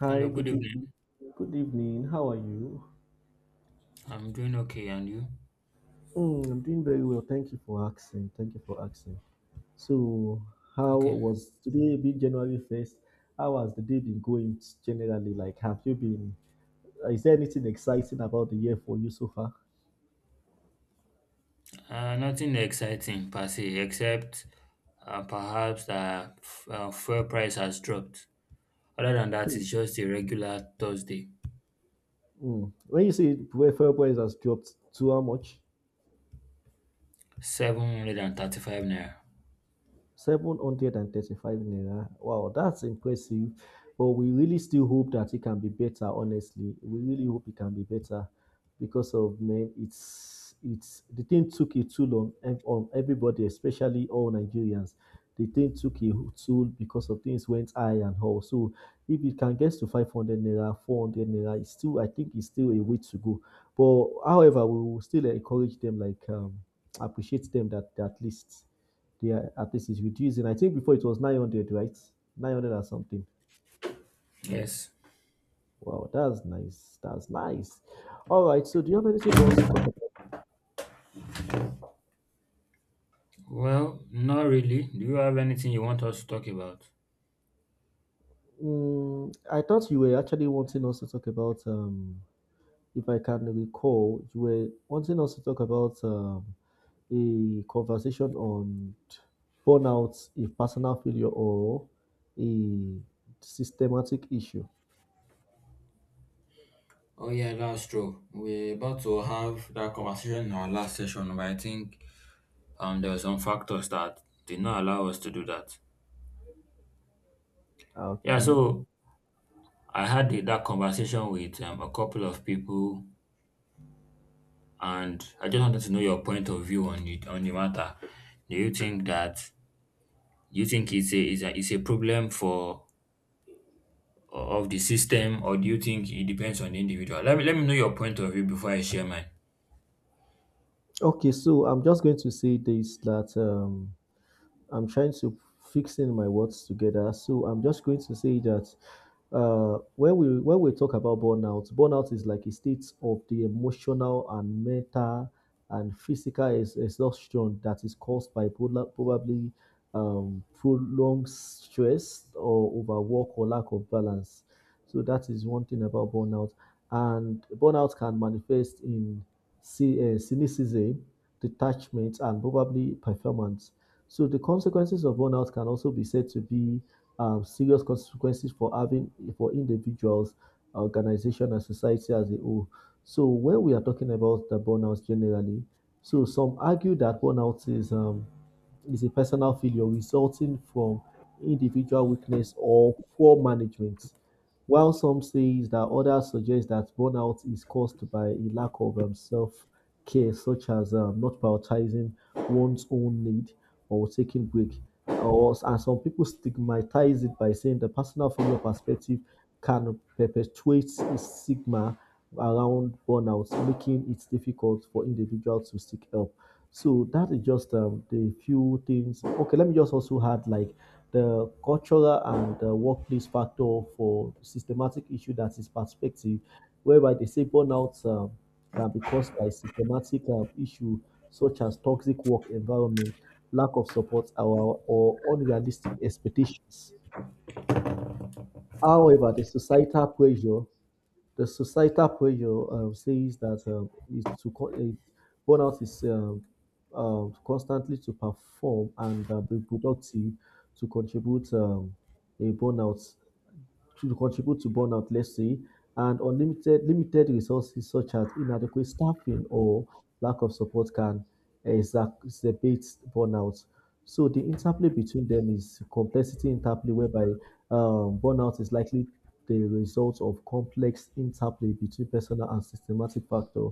Hi, Hello, good good evening. evening. Good evening. How are you? I'm doing okay, and you? Mm, I'm doing very well. Thank you for asking. Thank you for asking. So, how Okay. was today being January 1st? How has the day been going generally? Like, have you been, is there anything exciting about the year for you so far? Nothing exciting per se, except perhaps that fuel price has dropped. Other than that, it's just a regular Thursday, Mm. When you say February has dropped to how much? 735 naira. 735 naira. Wow, that's impressive. But we really still hope that it can be better, honestly. We really hope it can be better because of man, it's the thing took it too long on everybody, especially all Nigerians. The thing took it too because of things went high and all. So if it can get to 500 naira, 400 naira, it's still I think it's still a way to go. But however, we will still encourage them, like appreciate them that, at least. They are, at least it's reducing. I think before it was 900, right? 900 or something. Yes. Wow, that's nice. That's nice. All right. So, do you have anything for us to talk about? Well, not really. Do you have anything you want us to talk about? Mm, I thought you were actually wanting us to talk about, if I can recall, you were wanting us to talk about a conversation on burnout, a personal failure, or a systematic issue. Oh yeah, that's true. We're about to have that conversation in our last session, but I think there were some factors that did not allow us to do that. Yeah, Okay. so I had that conversation with a couple of people, and I just wanted to know your point of view on it on the matter. Do you think that do you think it's it's a problem for of the system, or do you think it depends on the individual? Let me know your point of view before I share mine. Okay, so I'm just going to say this that I'm trying to fixing my words together. So I'm just going to say that when we talk about burnout, burnout is like a state of the emotional and mental and physical exhaustion that is caused by probably prolonged stress or overwork or lack of balance. So that is one thing about burnout, and burnout can manifest in cynicism, detachment, and probably performance. So the consequences of burnout can also be said to be serious consequences for having for individuals, organization, and society as a whole. So when we are talking about the burnout generally, so some argue that burnout is a personal failure resulting from individual weakness or poor management. While some say that others suggest that burnout is caused by a lack of self care, such as not prioritizing one's own need or taking break or and some people stigmatize it by saying the personal failure perspective can perpetuate stigma around burnout, making it difficult for individuals to seek help. So that is just the few things. Okay, let me just also add like the cultural and the workplace factor for systematic issue, that is perspective whereby they say burnout can be caused by systematic issue such as toxic work environment, lack of support, or unrealistic expectations. However, the societal pressure, says that is to co- it, burnout is constantly to perform and be productive to contribute a burnout. Should contribute to burnout, let's say, and unlimited limited resources such as inadequate staffing or lack of support can exacerbate burnout. So the interplay between them is complexity interplay, whereby burnout is likely the result of complex interplay between personal and systematic factor.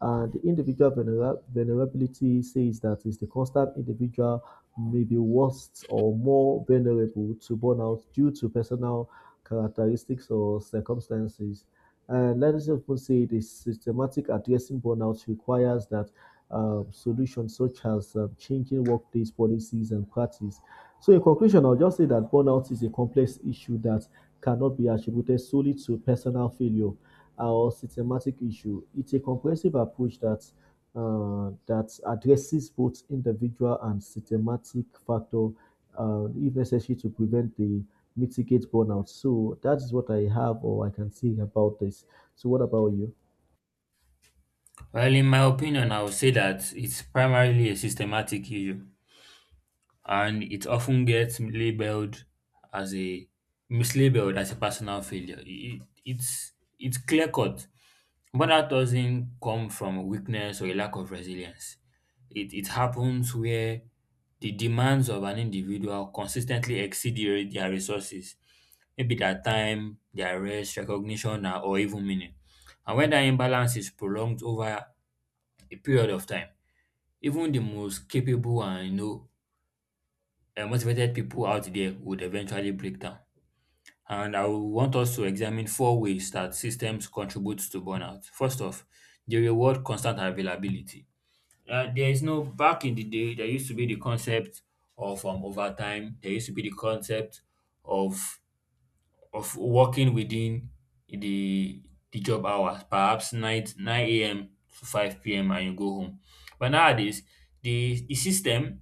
And the individual vulnerability says that is the constant individual may be worse or more vulnerable to burnout due to personal characteristics or circumstances. And let us just say the systematic addressing burnout requires that solutions such as changing workplace policies and practice. So in conclusion, I'll just say that burnout is a complex issue that cannot be attributed solely to personal failure or systematic issue. It's a comprehensive approach that addresses both individual and systematic factor, if necessary, to prevent the mitigate burnout. So that is what I have or I can say about this. So what about you Well, in my opinion, I would say that it's primarily a systematic issue, and it often gets labeled as a mislabeled as a personal failure. It's it's clear cut. Burnout doesn't come from weakness or a lack of resilience. It happens where the demands of an individual consistently exceed their resources, maybe their time, their rest, recognition, or even meaning. And when that imbalance is prolonged over a period of time, even the most capable and motivated people out there would eventually break down. And I will want us to examine four ways that systems contribute to burnout. First off, they reward constant availability. There is no Back in the day, there used to be the concept of overtime. There used to be the concept of working within the the job hours, perhaps nine a.m. to five p.m., and you go home. But nowadays, the system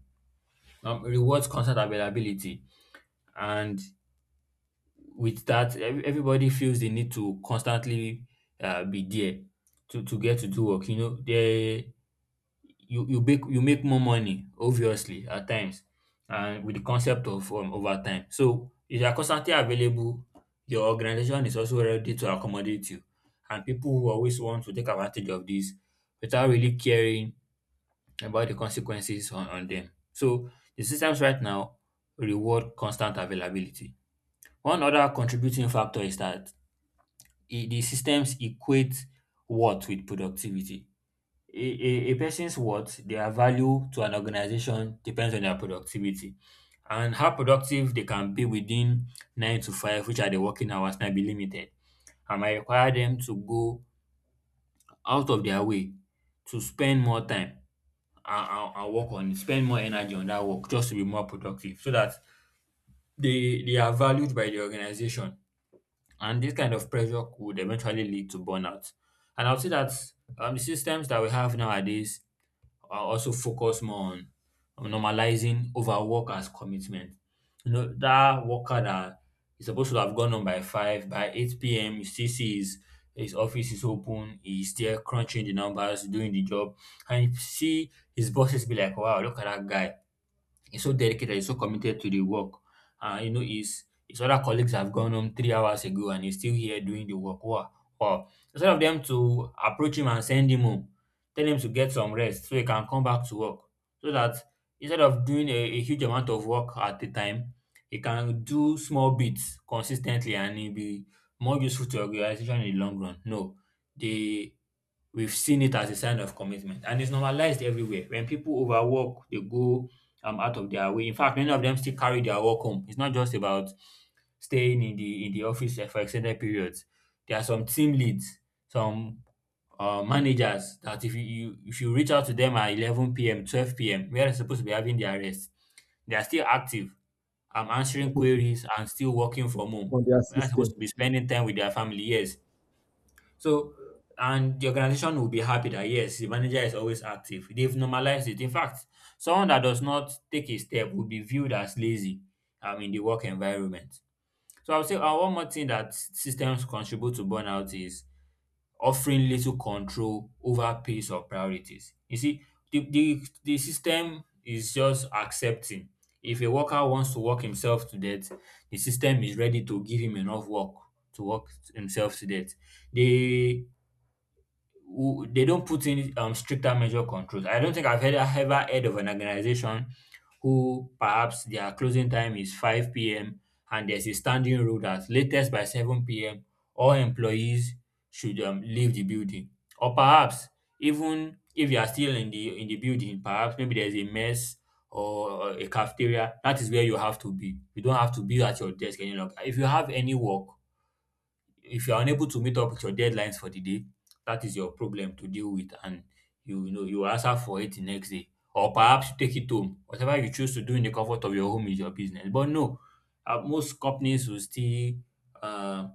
rewards constant availability, and with that, everybody feels they need to constantly be there to get to do work. You know, they you make more money, obviously, at times, and with the concept of overtime. So if you are constantly available, your organization is also ready to accommodate you, and people who always want to take advantage of this without really caring about the consequences on them. So the systems right now reward constant availability. One other contributing factor is that the systems equate worth with productivity. A person's worth, their value to an organization, depends on their productivity, and how productive they can be within nine to five, which are the working hours, might be limited and might require them to go out of their way to spend more time and work on it, spend more energy on that work just to be more productive, so that they are valued by the organization. And this kind of pressure could eventually lead to burnout. And I would say that systems that we have nowadays are also focus more on normalizing overwork as commitment. You know, that worker that is supposed to have gone on by 5, by 8 p.m., you still see his office is open, he's still crunching the numbers, doing the job. And you see his bosses be like, wow, look at that guy. He's so dedicated, he's so committed to the work. And you know, his other colleagues have gone home 3 hours ago, and he's still here doing the work. Wow. Wow. Instead of them to approach him and send him home, tell him to get some rest so he can come back to work, so that instead of doing a huge amount of work at a time, he can do small bits consistently and he'll be more useful to organization in the long run. No. They We've seen it as a sign of commitment, and it's normalized everywhere. When people overwork, they go out of their way. In fact, many of them still carry their work home. It's not just about staying in the office, for extended periods. There are some team leads, some managers that if you, you if you reach out to them at 11 p.m., 12 p.m., where they're supposed to be having their rest, they are still active. I'm answering queries and still working from on home. their They're supposed system? to be spending time with their family. Yes, so, and the organization will be happy that yes, the manager is always active. They've normalized it. In fact, someone that does not take a step will be viewed as lazy in the work environment. So, I would say one more thing that systems contribute to burnout is offering little control over pace or priorities. You see, the system is just accepting. If a worker wants to work himself to death, the system is ready to give him enough work to work himself to death. They Who they don't put in stricter measure controls. I don't think ever heard of an organization who perhaps their closing time is 5 p.m. and there's a standing rule that latest by 7 p.m. all employees should leave the building. Or perhaps even if you are still in the building, perhaps maybe there's a mess or a cafeteria, that is where you have to be. You don't have to be at your desk any longer. If you have any work, if you are unable to meet up with your deadlines for the day, that is your problem to deal with, and you know you will answer for it the next day. Or perhaps you take it home. Whatever you choose to do in the comfort of your home is your business. But no, most companies will still uh,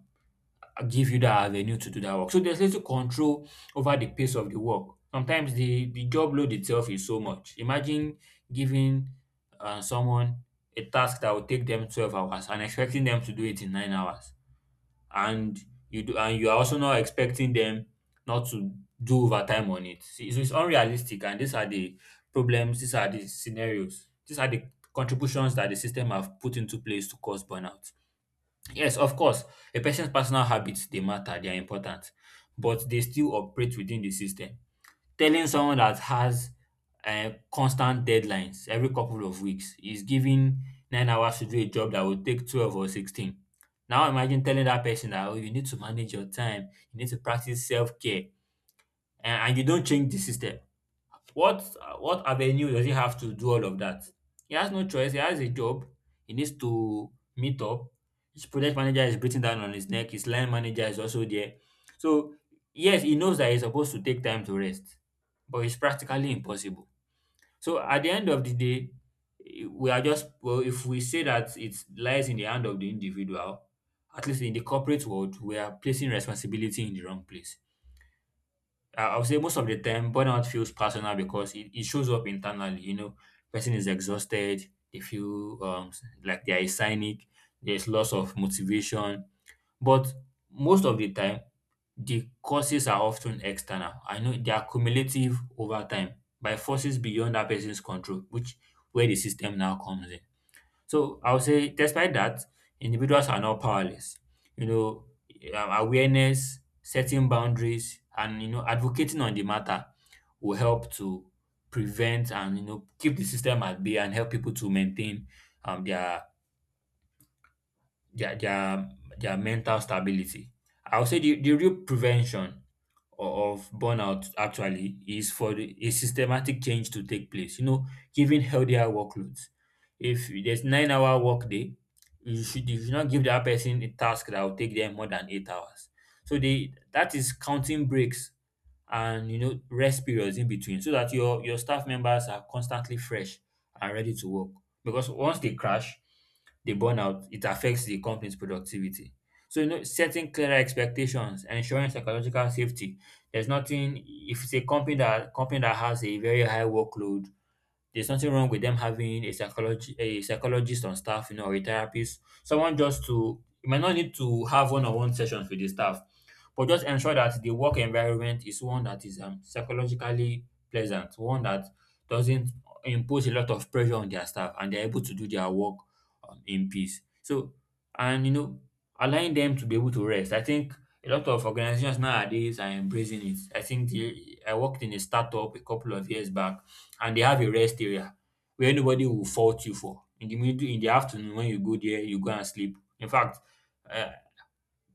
give you that avenue to do that work. So there's little control over the pace of the work. Sometimes the job load itself is so much. Imagine giving someone a task that will take them 12 hours and expecting them to do it in 9 hours, and you do and you are also not expecting them not to do overtime on it. See, so it's unrealistic, and these are the problems, these are the scenarios, these are the contributions that the system have put into place to cause burnout. Yes, of course, a person's personal habits, they matter, they are important, but they still operate within the system. Telling someone that has constant deadlines every couple of weeks, is giving 9 hours to do a job that will take 12 or 16. Now imagine telling that person that, oh, you need to manage your time, you need to practice self care, and you don't change the system. What what avenue does he have to do all of that? He has no choice. He has a job. He needs to meet up. His project manager is breathing down on his neck. His line manager is also there. So yes, he knows that he's supposed to take time to rest, but it's practically impossible. So at the end of the day, we are just well. If we say that it lies in the hand of the individual, at least in the corporate world, we are placing responsibility in the wrong place. I would say most of the time, burnout feels personal because it shows up internally. You know, person is exhausted, they feel like they are cynic, there's loss of motivation. But most of the time, the causes are often external. I know they are cumulative over time by forces beyond that person's control, which where the system now comes in. So I would say, despite that, individuals are not powerless. You know, awareness, setting boundaries, and you know, advocating on the matter will help to prevent and you know keep the system at bay and help people to maintain um, their their their their mental stability. I would say the real prevention of burnout actually is for a systematic change to take place. You know, giving healthier workloads. If there's 9 hour work day, you should not give that person a task that will take them more than 8 hours. So they that is counting breaks and you know rest periods in between so that your staff members are constantly fresh and ready to work because once they crash they burn out. It affects the company's productivity. So you know, setting clearer expectations and ensuring psychological safety. There's nothing, if it's a company that has a very high workload, there's nothing wrong with them having a psychologist on staff, you know, or a therapist, someone. Just to, you might not need to have one-on-one sessions with the staff, but just ensure that the work environment is one that is psychologically pleasant, one that doesn't impose a lot of pressure on their staff, and they're able to do their work in peace. So, and you know, allowing them to be able to rest. I think a lot of organizations nowadays are embracing it. I think I worked in a startup a couple of years back, and they have a rest area where anybody will fault you for. In the afternoon when you go there, you go and sleep. In fact, um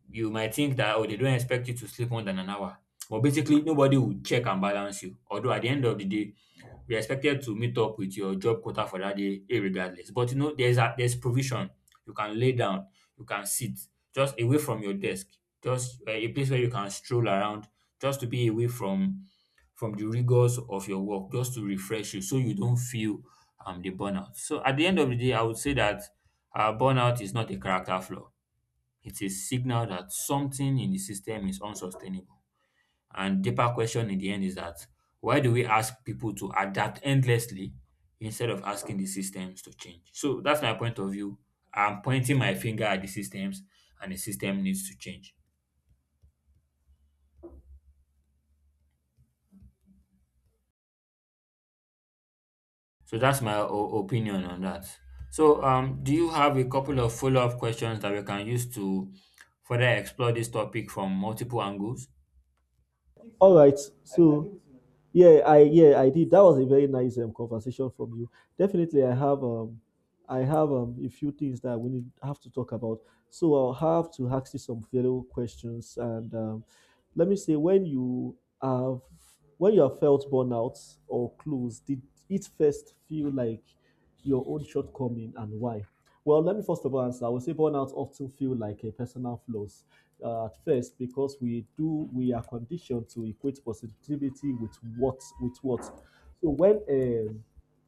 you might think that, oh, they don't expect you to sleep more than an hour, but basically nobody will check and balance you. Although at the end of the day you're expected to meet up with your job quota for that day irregardless. But you know, there's a there's provision. You can lay down, you can sit, just away from your desk, just a place where you can stroll around, just to be away from the rigors of your work, just to refresh you so you don't feel the burnout. So at the end of the day, I would say that burnout is not a character flaw. It's a signal that something in the system is unsustainable. And deeper question in the end is that why do we ask people to adapt endlessly instead of asking the systems to change? So that's my point of view. I'm pointing my finger at the systems, and the system needs to change. So that's my opinion on that. So, do you have a couple of follow-up questions that we can use to further explore this topic from multiple angles? All right. So. Yeah, I did. That was a very nice conversation from you. Definitely, I have a few things that we need have to talk about. So I'll have to ask you some fellow questions and let me say when you have felt burnout or close, did it first feel like your own shortcoming and why? Well, let me first of all answer. I would say burnout often feel like a personal flaws at first because we are conditioned to equate positivity with what with what. So when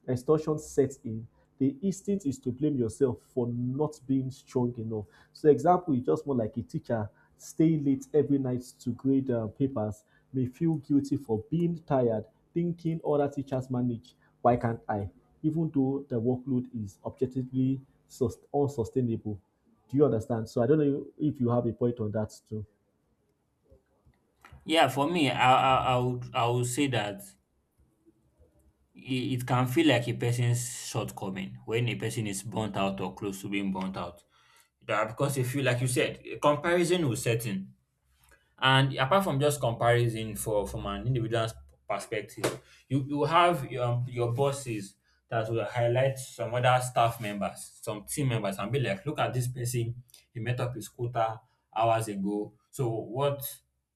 extortion sets in, the instinct is to blame yourself for not being strong enough. So, example, you just more like a teacher staying late every night to grade papers may feel guilty for being tired, thinking other teachers manage. Why can't I? Even though the workload is objectively unsustainable. Do you understand? So, I don't know if you have a point on that too. Yeah, for me, I would say that it can feel like a person's shortcoming when a person is burnt out or close to being burnt out. That because you feel like you said, a comparison will set in. And apart from just comparison for from an individual's perspective, you have your bosses that will highlight some other staff members, some team members, and be like, look at this person, he met up his quota hours ago. So what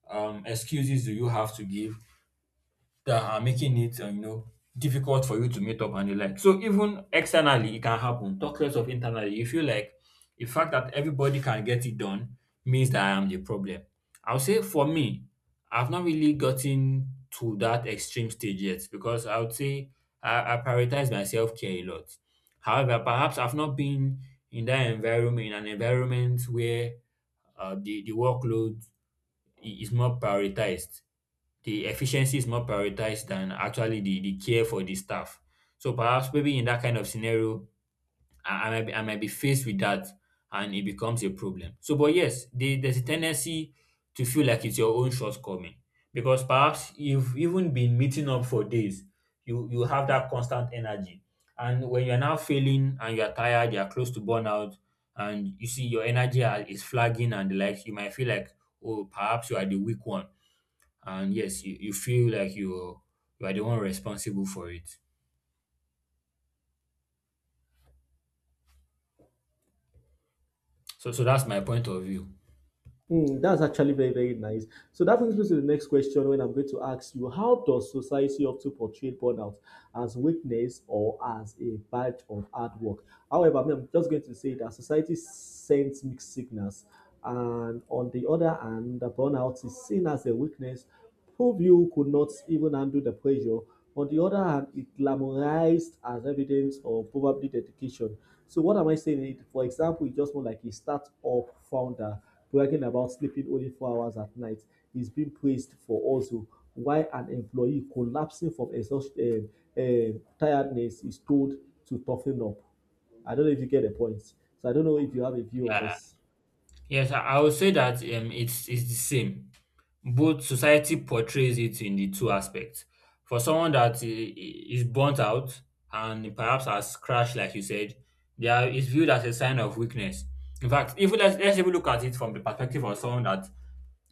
excuses do you have to give that are making it, you know, difficult for you to meet up and the like. So even externally, it can happen. Talk less of internally. You feel like the fact that everybody can get it done means that I am the problem. I'll say for me, I've not really gotten to that extreme stage yet because I would say I prioritize my self care a lot. However, perhaps I've not been in that environment, in an environment where the workload is more prioritized. The efficiency is more prioritized than actually the care for the staff. So perhaps maybe in that kind of scenario, I might be faced with that, and it becomes a problem. So, but yes, there's a tendency to feel like it's your own shortcoming because perhaps you've even been meeting up for days. You have that constant energy, and when you're now failing and you're tired, you're close to burnout, and you see your energy is flagging and the like, you might feel like, oh, perhaps you are the weak one, and yes, you feel like you are the one responsible for it. So so that's my point of view. Hmm, that's actually very, very nice. So that brings me to the next question when I'm going to ask you, how does society often portray burnout as weakness or as a badge of hard work? However, I mean, I'm just going to say that society sends mixed signals. And on the other hand, the burnout is seen as a weakness. Pompeo could not even handle the pressure. On the other hand, it glamorized as evidence of probably dedication. So what am I saying? It for example, it's just more like a startup founder bragging about sleeping only 4 hours at night is being praised for, also why an employee collapsing from exhaustion, tiredness is told to toughen up. I don't know if you get the point. So I don't know if you have a view on I, this. Yes, I would say that, it's the same. Both, society portrays it in the two aspects. For someone that is burnt out and perhaps has crashed, like you said, there is viewed as a sign of weakness. In fact, if let's, let's even look at it from the perspective of someone that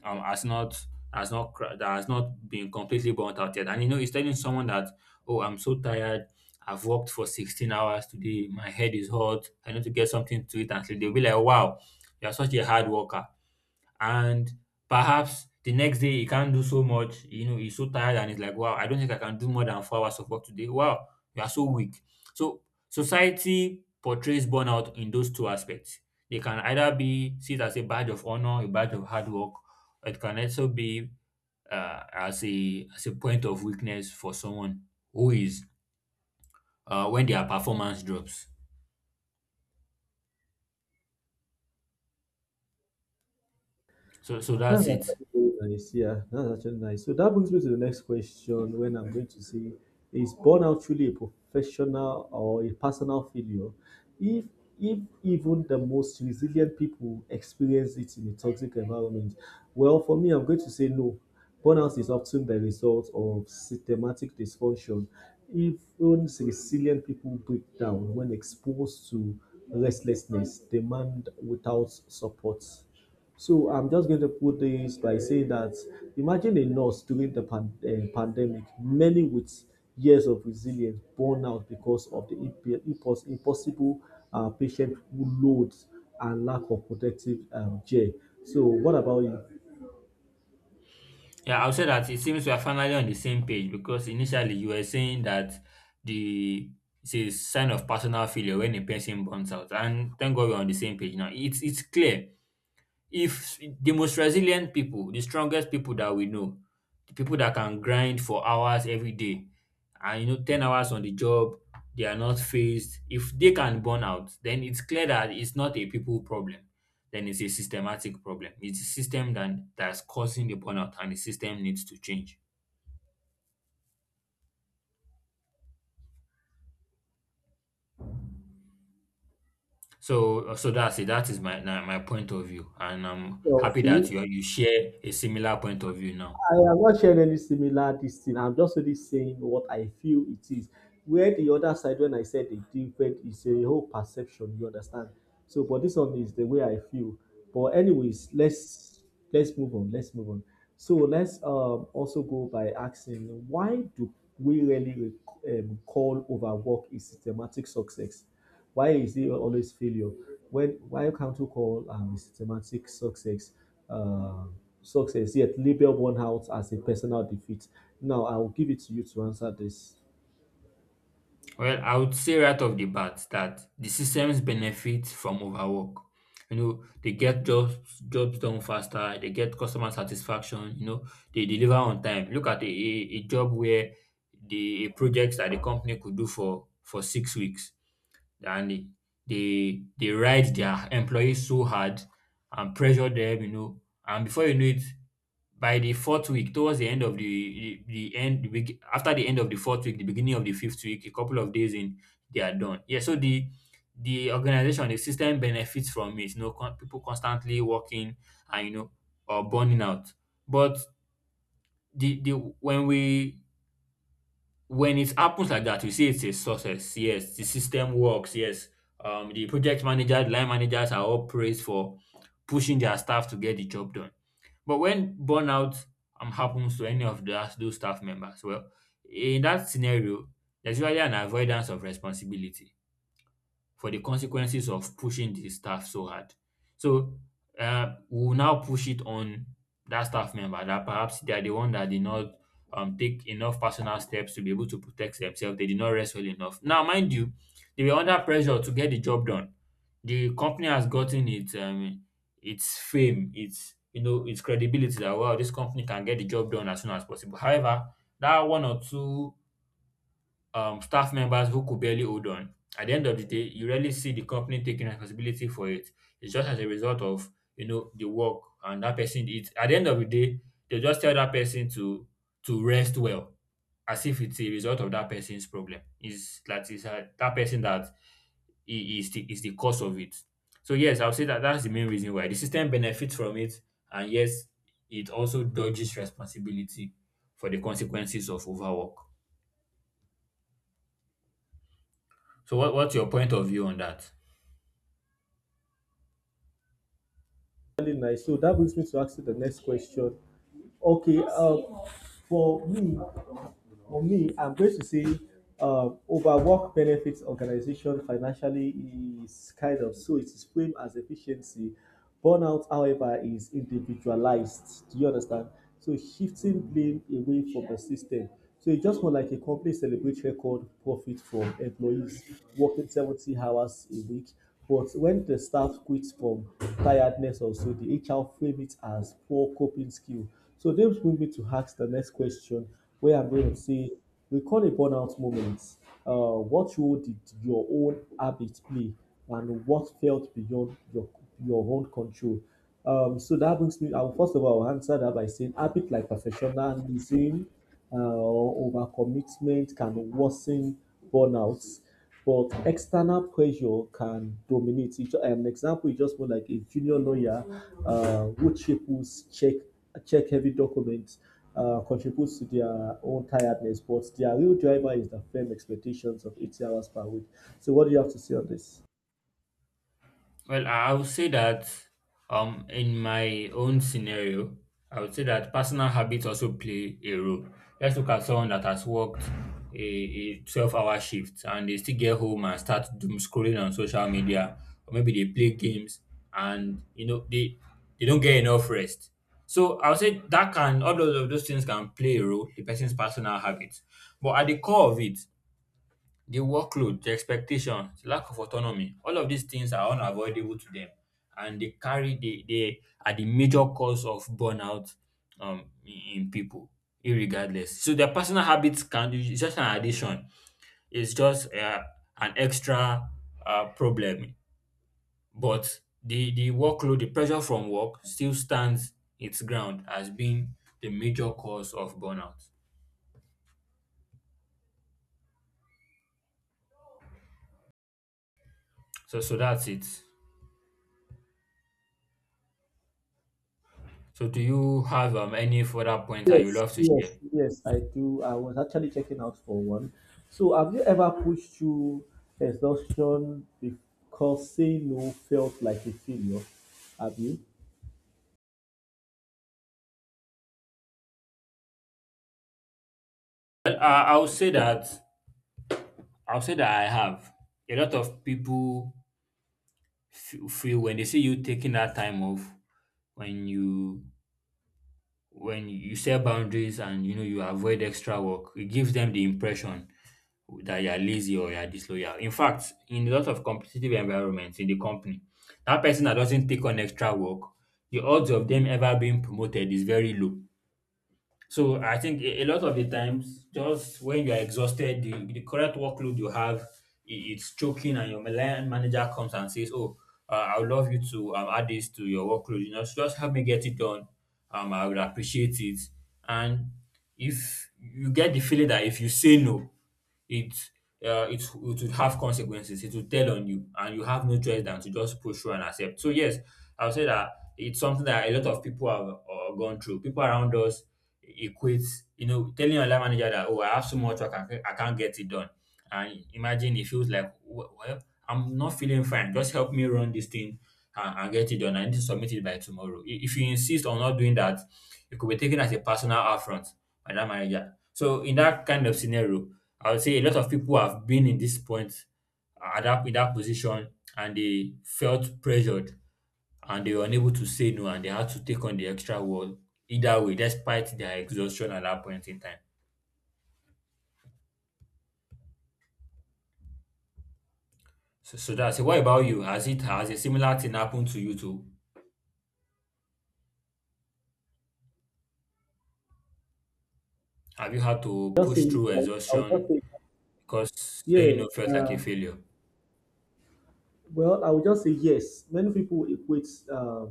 has not that has not been completely burnt out yet. And you know, it's telling someone that, oh, I'm so tired. I've worked for 16 hours today. My head is hot. I need to get something to eat and sleep. They'll be like, wow, you're such a hard worker, and perhaps the next day he can't do so much. You know, he's so tired and he's like, wow, I don't think I can do more than 4 hours of work today. Wow, you are so weak. So society portrays burnout in those two aspects. They can either be seen as a badge of honor, a badge of hard work, or it can also be as a point of weakness for someone who is when their performance drops. So so That's that's it. actually very nice. Yeah, that's actually nice. So that brings me to the next question when I'm going to say, is burnout truly a professional or a personal failure? If if even the most resilient people experience it in a toxic environment, well, for me, I'm going to say no. Burnout is often the result of systematic dysfunction. Even resilient people break down when exposed to restlessness, demand without support. So I'm just going to put this by saying that imagine a nurse during the pandemic, many with years of resilience burn out because of the impossible patient loads and lack of protective care. So what about you? Yeah, I'll say that it seems we are finally on the same page because initially you were saying that the it's a sign of personal failure when a person burns out, and thank God we're on the same page now. It's clear, if the most resilient people, the strongest people that we know, the people that can grind for hours every day and you know 10 hours on the job, they are not phased. If they can burn out, then it's clear that it's not a people problem. Then it's a systematic problem. It's a system that that's causing the burnout, and the system needs to change. So so that's it. That is my my point of view. And I'm happy Okay, that you share a similar point of view now. I am not sharing any similar this thing. I'm just only saying what I feel it is. Where the other side, when I said the different, is a whole perception. You understand? So, but this one is the way I feel. But anyways, let's move on. Let's move on. So let's also go by asking why do we really call overwork a systematic success? Why is it always failure? When why can't you call a systematic success uh, success yet label one out as a personal defeat? Now I will give it to you to answer this. Well, I would say right off the bat that the systems benefit from overwork. You know, they get jobs done faster, they get customer satisfaction, you know, they deliver on time. Look at a job where the projects that the company could do for 6 weeks, and they ride their employees so hard and pressure them, you know, and before you know it, by the fourth week, towards the end of after the end of the fourth week, the beginning of the fifth week, a couple of days in, they are done. Yeah, so the organization, the system benefits from it. You know, people constantly working and you know, or burning out. But the when we when it happens like that, we see it's a success. Yes, the system works. Yes, the project managers, line managers are all praised for pushing their staff to get the job done. But when burnout happens to any of those staff members, well, in that scenario, there's usually an avoidance of responsibility for the consequences of pushing the staff so hard. So we will now push it on that staff member, that perhaps they are the one that did not, take enough personal steps to be able to protect themselves. They did not rest well enough. Now, mind you, they were under pressure to get the job done. The company has gotten its, its fame, its, you know, its credibility, that well, this company can get the job done as soon as possible. However, that one or two, staff members who could barely hold on, at the end of the day, you rarely see the company taking responsibility for it. It's just as a result of you know the work and that person did. At the end of the day, they just tell that person to rest well, as if it's a result of that person's problem. Is that person that is the cause of it. So yes, I'll say that that's the main reason why the system benefits from it, and yes, it also dodges responsibility for the consequences of overwork. So what what's your point of view on that? Really nice. So that brings me to ask you the next question. Okay, for me, For me, I'm going to say overwork benefits organization financially is kind of so it is framed as efficiency. Burnout, however, is individualized. Do you understand? So shifting blame away from the system. So it's just more like a company celebrates record profit from employees working 70 hours a week. But when the staff quits from tiredness or so, the HR frame it as poor coping skill. So this brings me to ask the next question where I'm going to say, record a burnout moment, what role did your own habits play, and what felt beyond your own control? So that brings me. I will first of all I'll answer that by saying habit like professionalism or overcommitment can worsen burnouts but external pressure can dominate. An example is just more like a junior lawyer who chapels check heavy documents contributes to their own tiredness, but their real driver is the firm expectations of 80 hours per week. So, what do you have to say on this? Well, I would say that, in my own scenario, I would say that personal habits also play a role. Let's look at someone that has worked a 12-hour shift and they still get home and start doom scrolling on social media, or maybe they play games, and you know they don't get enough rest. So I would say that can all those of those things can play a role, the person's personal habits. But at the core of it, the workload, the expectations, lack of autonomy, all of these things are unavoidable to them. And they are the major cause of burnout, in people, irregardless. So their personal habits can, it's just an addition. It's just an extra problem. But the workload, the pressure from work still stands its ground as being the major cause of burnout. So, so that's it. So do you have, any further points that you Yes, love to yes, share? yes, I do. I was actually checking out for one. So, have you ever pushed through exhaustion because saying no felt like a failure? Have you? Well, I would say that I have a lot of people feel when they see you taking that time off when you when you set boundaries and you know you avoid extra work, it gives them the impression that you're lazy or you're disloyal. In fact, in a lot of competitive environments in the company, that person that doesn't take on extra work, the odds of them ever being promoted is very low. So I think a lot of the times, just when you are exhausted, the correct workload you have, it's choking, and your line manager comes and says, "Oh, I would love you to add this to your workload. You know, so just help me get it done. I would appreciate it." And if you get the feeling that if you say no, it it would have consequences. It will tell on you, and you have no choice than to just push through and accept. So yes, I would say that it's something that a lot of people have gone through. People around us equate, you know, telling your line manager that oh, I have so much work, I can't get it done. And imagine it feels like well, I'm not feeling fine. Just help me run this thing and get it done. I need to submit it by tomorrow. If you insist on not doing that, it could be taken as a personal affront by that manager. So in that kind of scenario, I would say a lot of people have been in this point at that in that position and they felt pressured and they were unable to say no and they had to take on the extra work either way, despite their exhaustion at that point in time. So, so that's it. What about you? Has a similar thing happened to you too? Have you had to Yo push soy, through exhaustion autocrítica. because saying Yeah, no felt like a uh, failure? Well, I would just say yes. Many people equate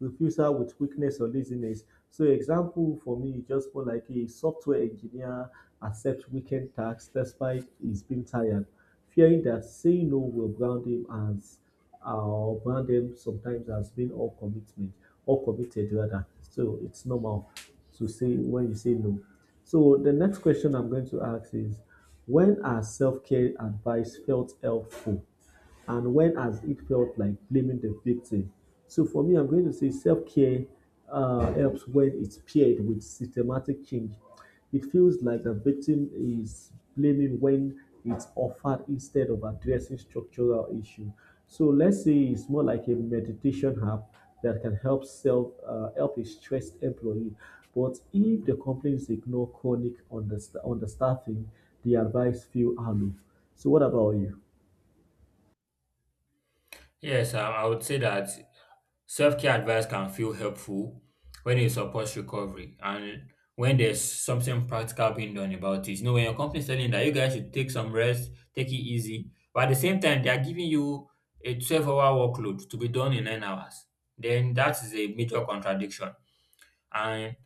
refusal with weakness or laziness. So, example for me, is just more like a software engineer accepts weekend tasks despite he's been tired, fearing that saying no will brand him as or brand them sometimes as being all commitment or committed rather. So, it's normal to say when you say no. So, the next question I'm going to ask is, when are self care advice felt helpful, and when has it felt like blaming the victim? So for me, I'm going to say self-care helps when it's paired with systematic change. It feels like the victim is blaming when it's offered instead of addressing structural issue. So let's say it's more like a meditation app that can help self help a stressed employee. But if the complaints ignore chronic understaffing, the advice feel hollow. So what about you? Yes, I would say that self care advice can feel helpful when it supports recovery and when there's something practical being done about it. You know, when your company is telling you that you guys should take some rest, take it easy, but at the same time, they are giving you a 12-hour workload to be done in 9 hours, then that is a major contradiction. And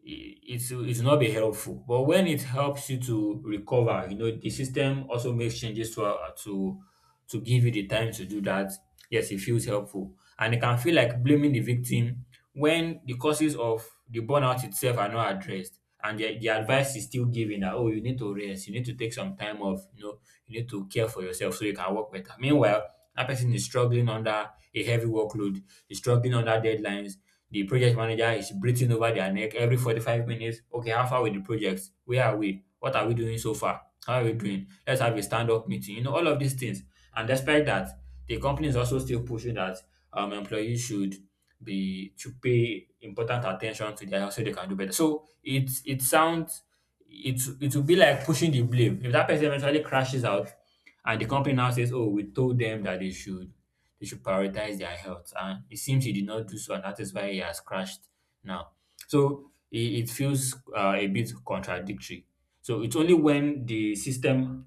it not be helpful. But when it helps you to recover, you know, the system also makes changes to to give you the time to do that. Yes, it feels helpful, and it can feel like blaming the victim when the causes of the burnout itself are not addressed, and the advice is still given that oh, you need to rest, you need to take some time off, you know, you need to care for yourself so you can work better. Meanwhile, that person is struggling under a heavy workload, is struggling under deadlines, the project manager is breathing over their neck every 45 minutes. Okay, how far with the project? Where are we? What are we doing so far? How are we doing? Let's have a stand up meeting. You know, all of these things. And despite that, the company is also still pushing that employees should be to pay important attention to their health so they can do better. So it sounds it will be like pushing the blame. If that person eventually crashes out and the company now says, "Oh, we told them that they should prioritize their health." And it seems he did not do so, and that is why he has crashed now. So it feels a bit contradictory. So it's only when the system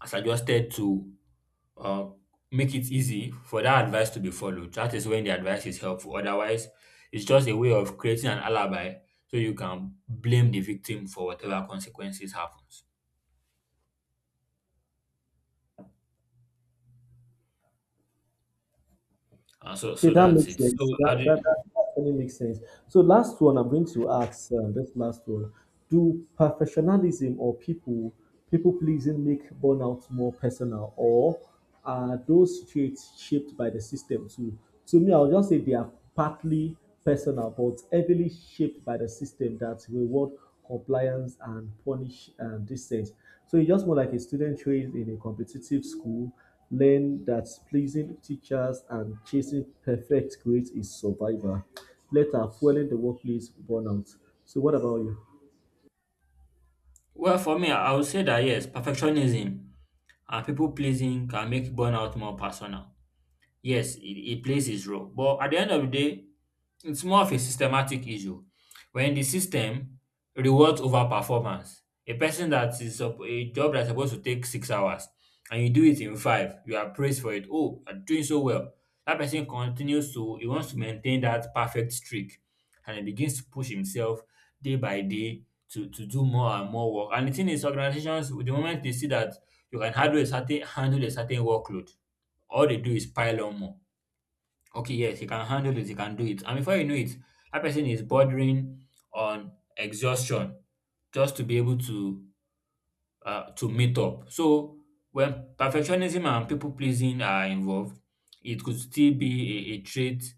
has adjusted to uh, make it easy for that advice to be followed. That is when the advice is helpful. Otherwise, it's just a way of creating an alibi so you can blame the victim for whatever consequences happens. Okay, So that that's makes it. Sense. That, that actually makes sense. So, last one, I'm going to ask this last one: do professionalism or people pleasing make burnout more personal, or are those traits shaped by the system too? To me, I'll just say they are partly personal, but heavily shaped by the system that reward compliance and punish dissent. So, it's just more like a student trained in a competitive school learn that pleasing teachers and chasing perfect grades is survival, later fueling the workplace burnout. So, what about you? Well, for me, I would say that yes, perfectionism and people pleasing can make burnout more personal. Yes, it plays its role. But at the end of the day, it's more of a systematic issue. When the system rewards overperformance, a person that is a job that's supposed to take 6 hours and you do it in five, you are praised for it. Oh, you're doing so well. That person continues to, he wants to maintain that perfect streak and he begins to push himself day by day to do more and more work. And the thing is, organizations, the moment they see that you can handle a handle a certain workload, all they do is pile on more. Okay, yes, he can handle it, he can do it. And before you know it, that person is bordering on exhaustion just to be able to meet up. So when perfectionism and people pleasing are involved, it could still be a trait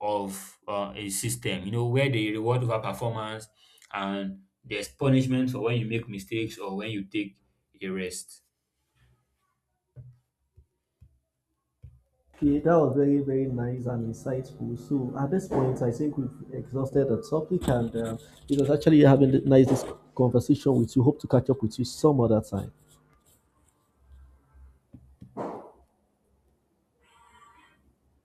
of a system, you know, where they reward over performance and there's punishment for when you make mistakes or when you take a rest. Okay, that was very, very nice and insightful. So at this point, I think we've exhausted the topic, and it was actually having a nice conversation with you. Hope to catch up with you some other time.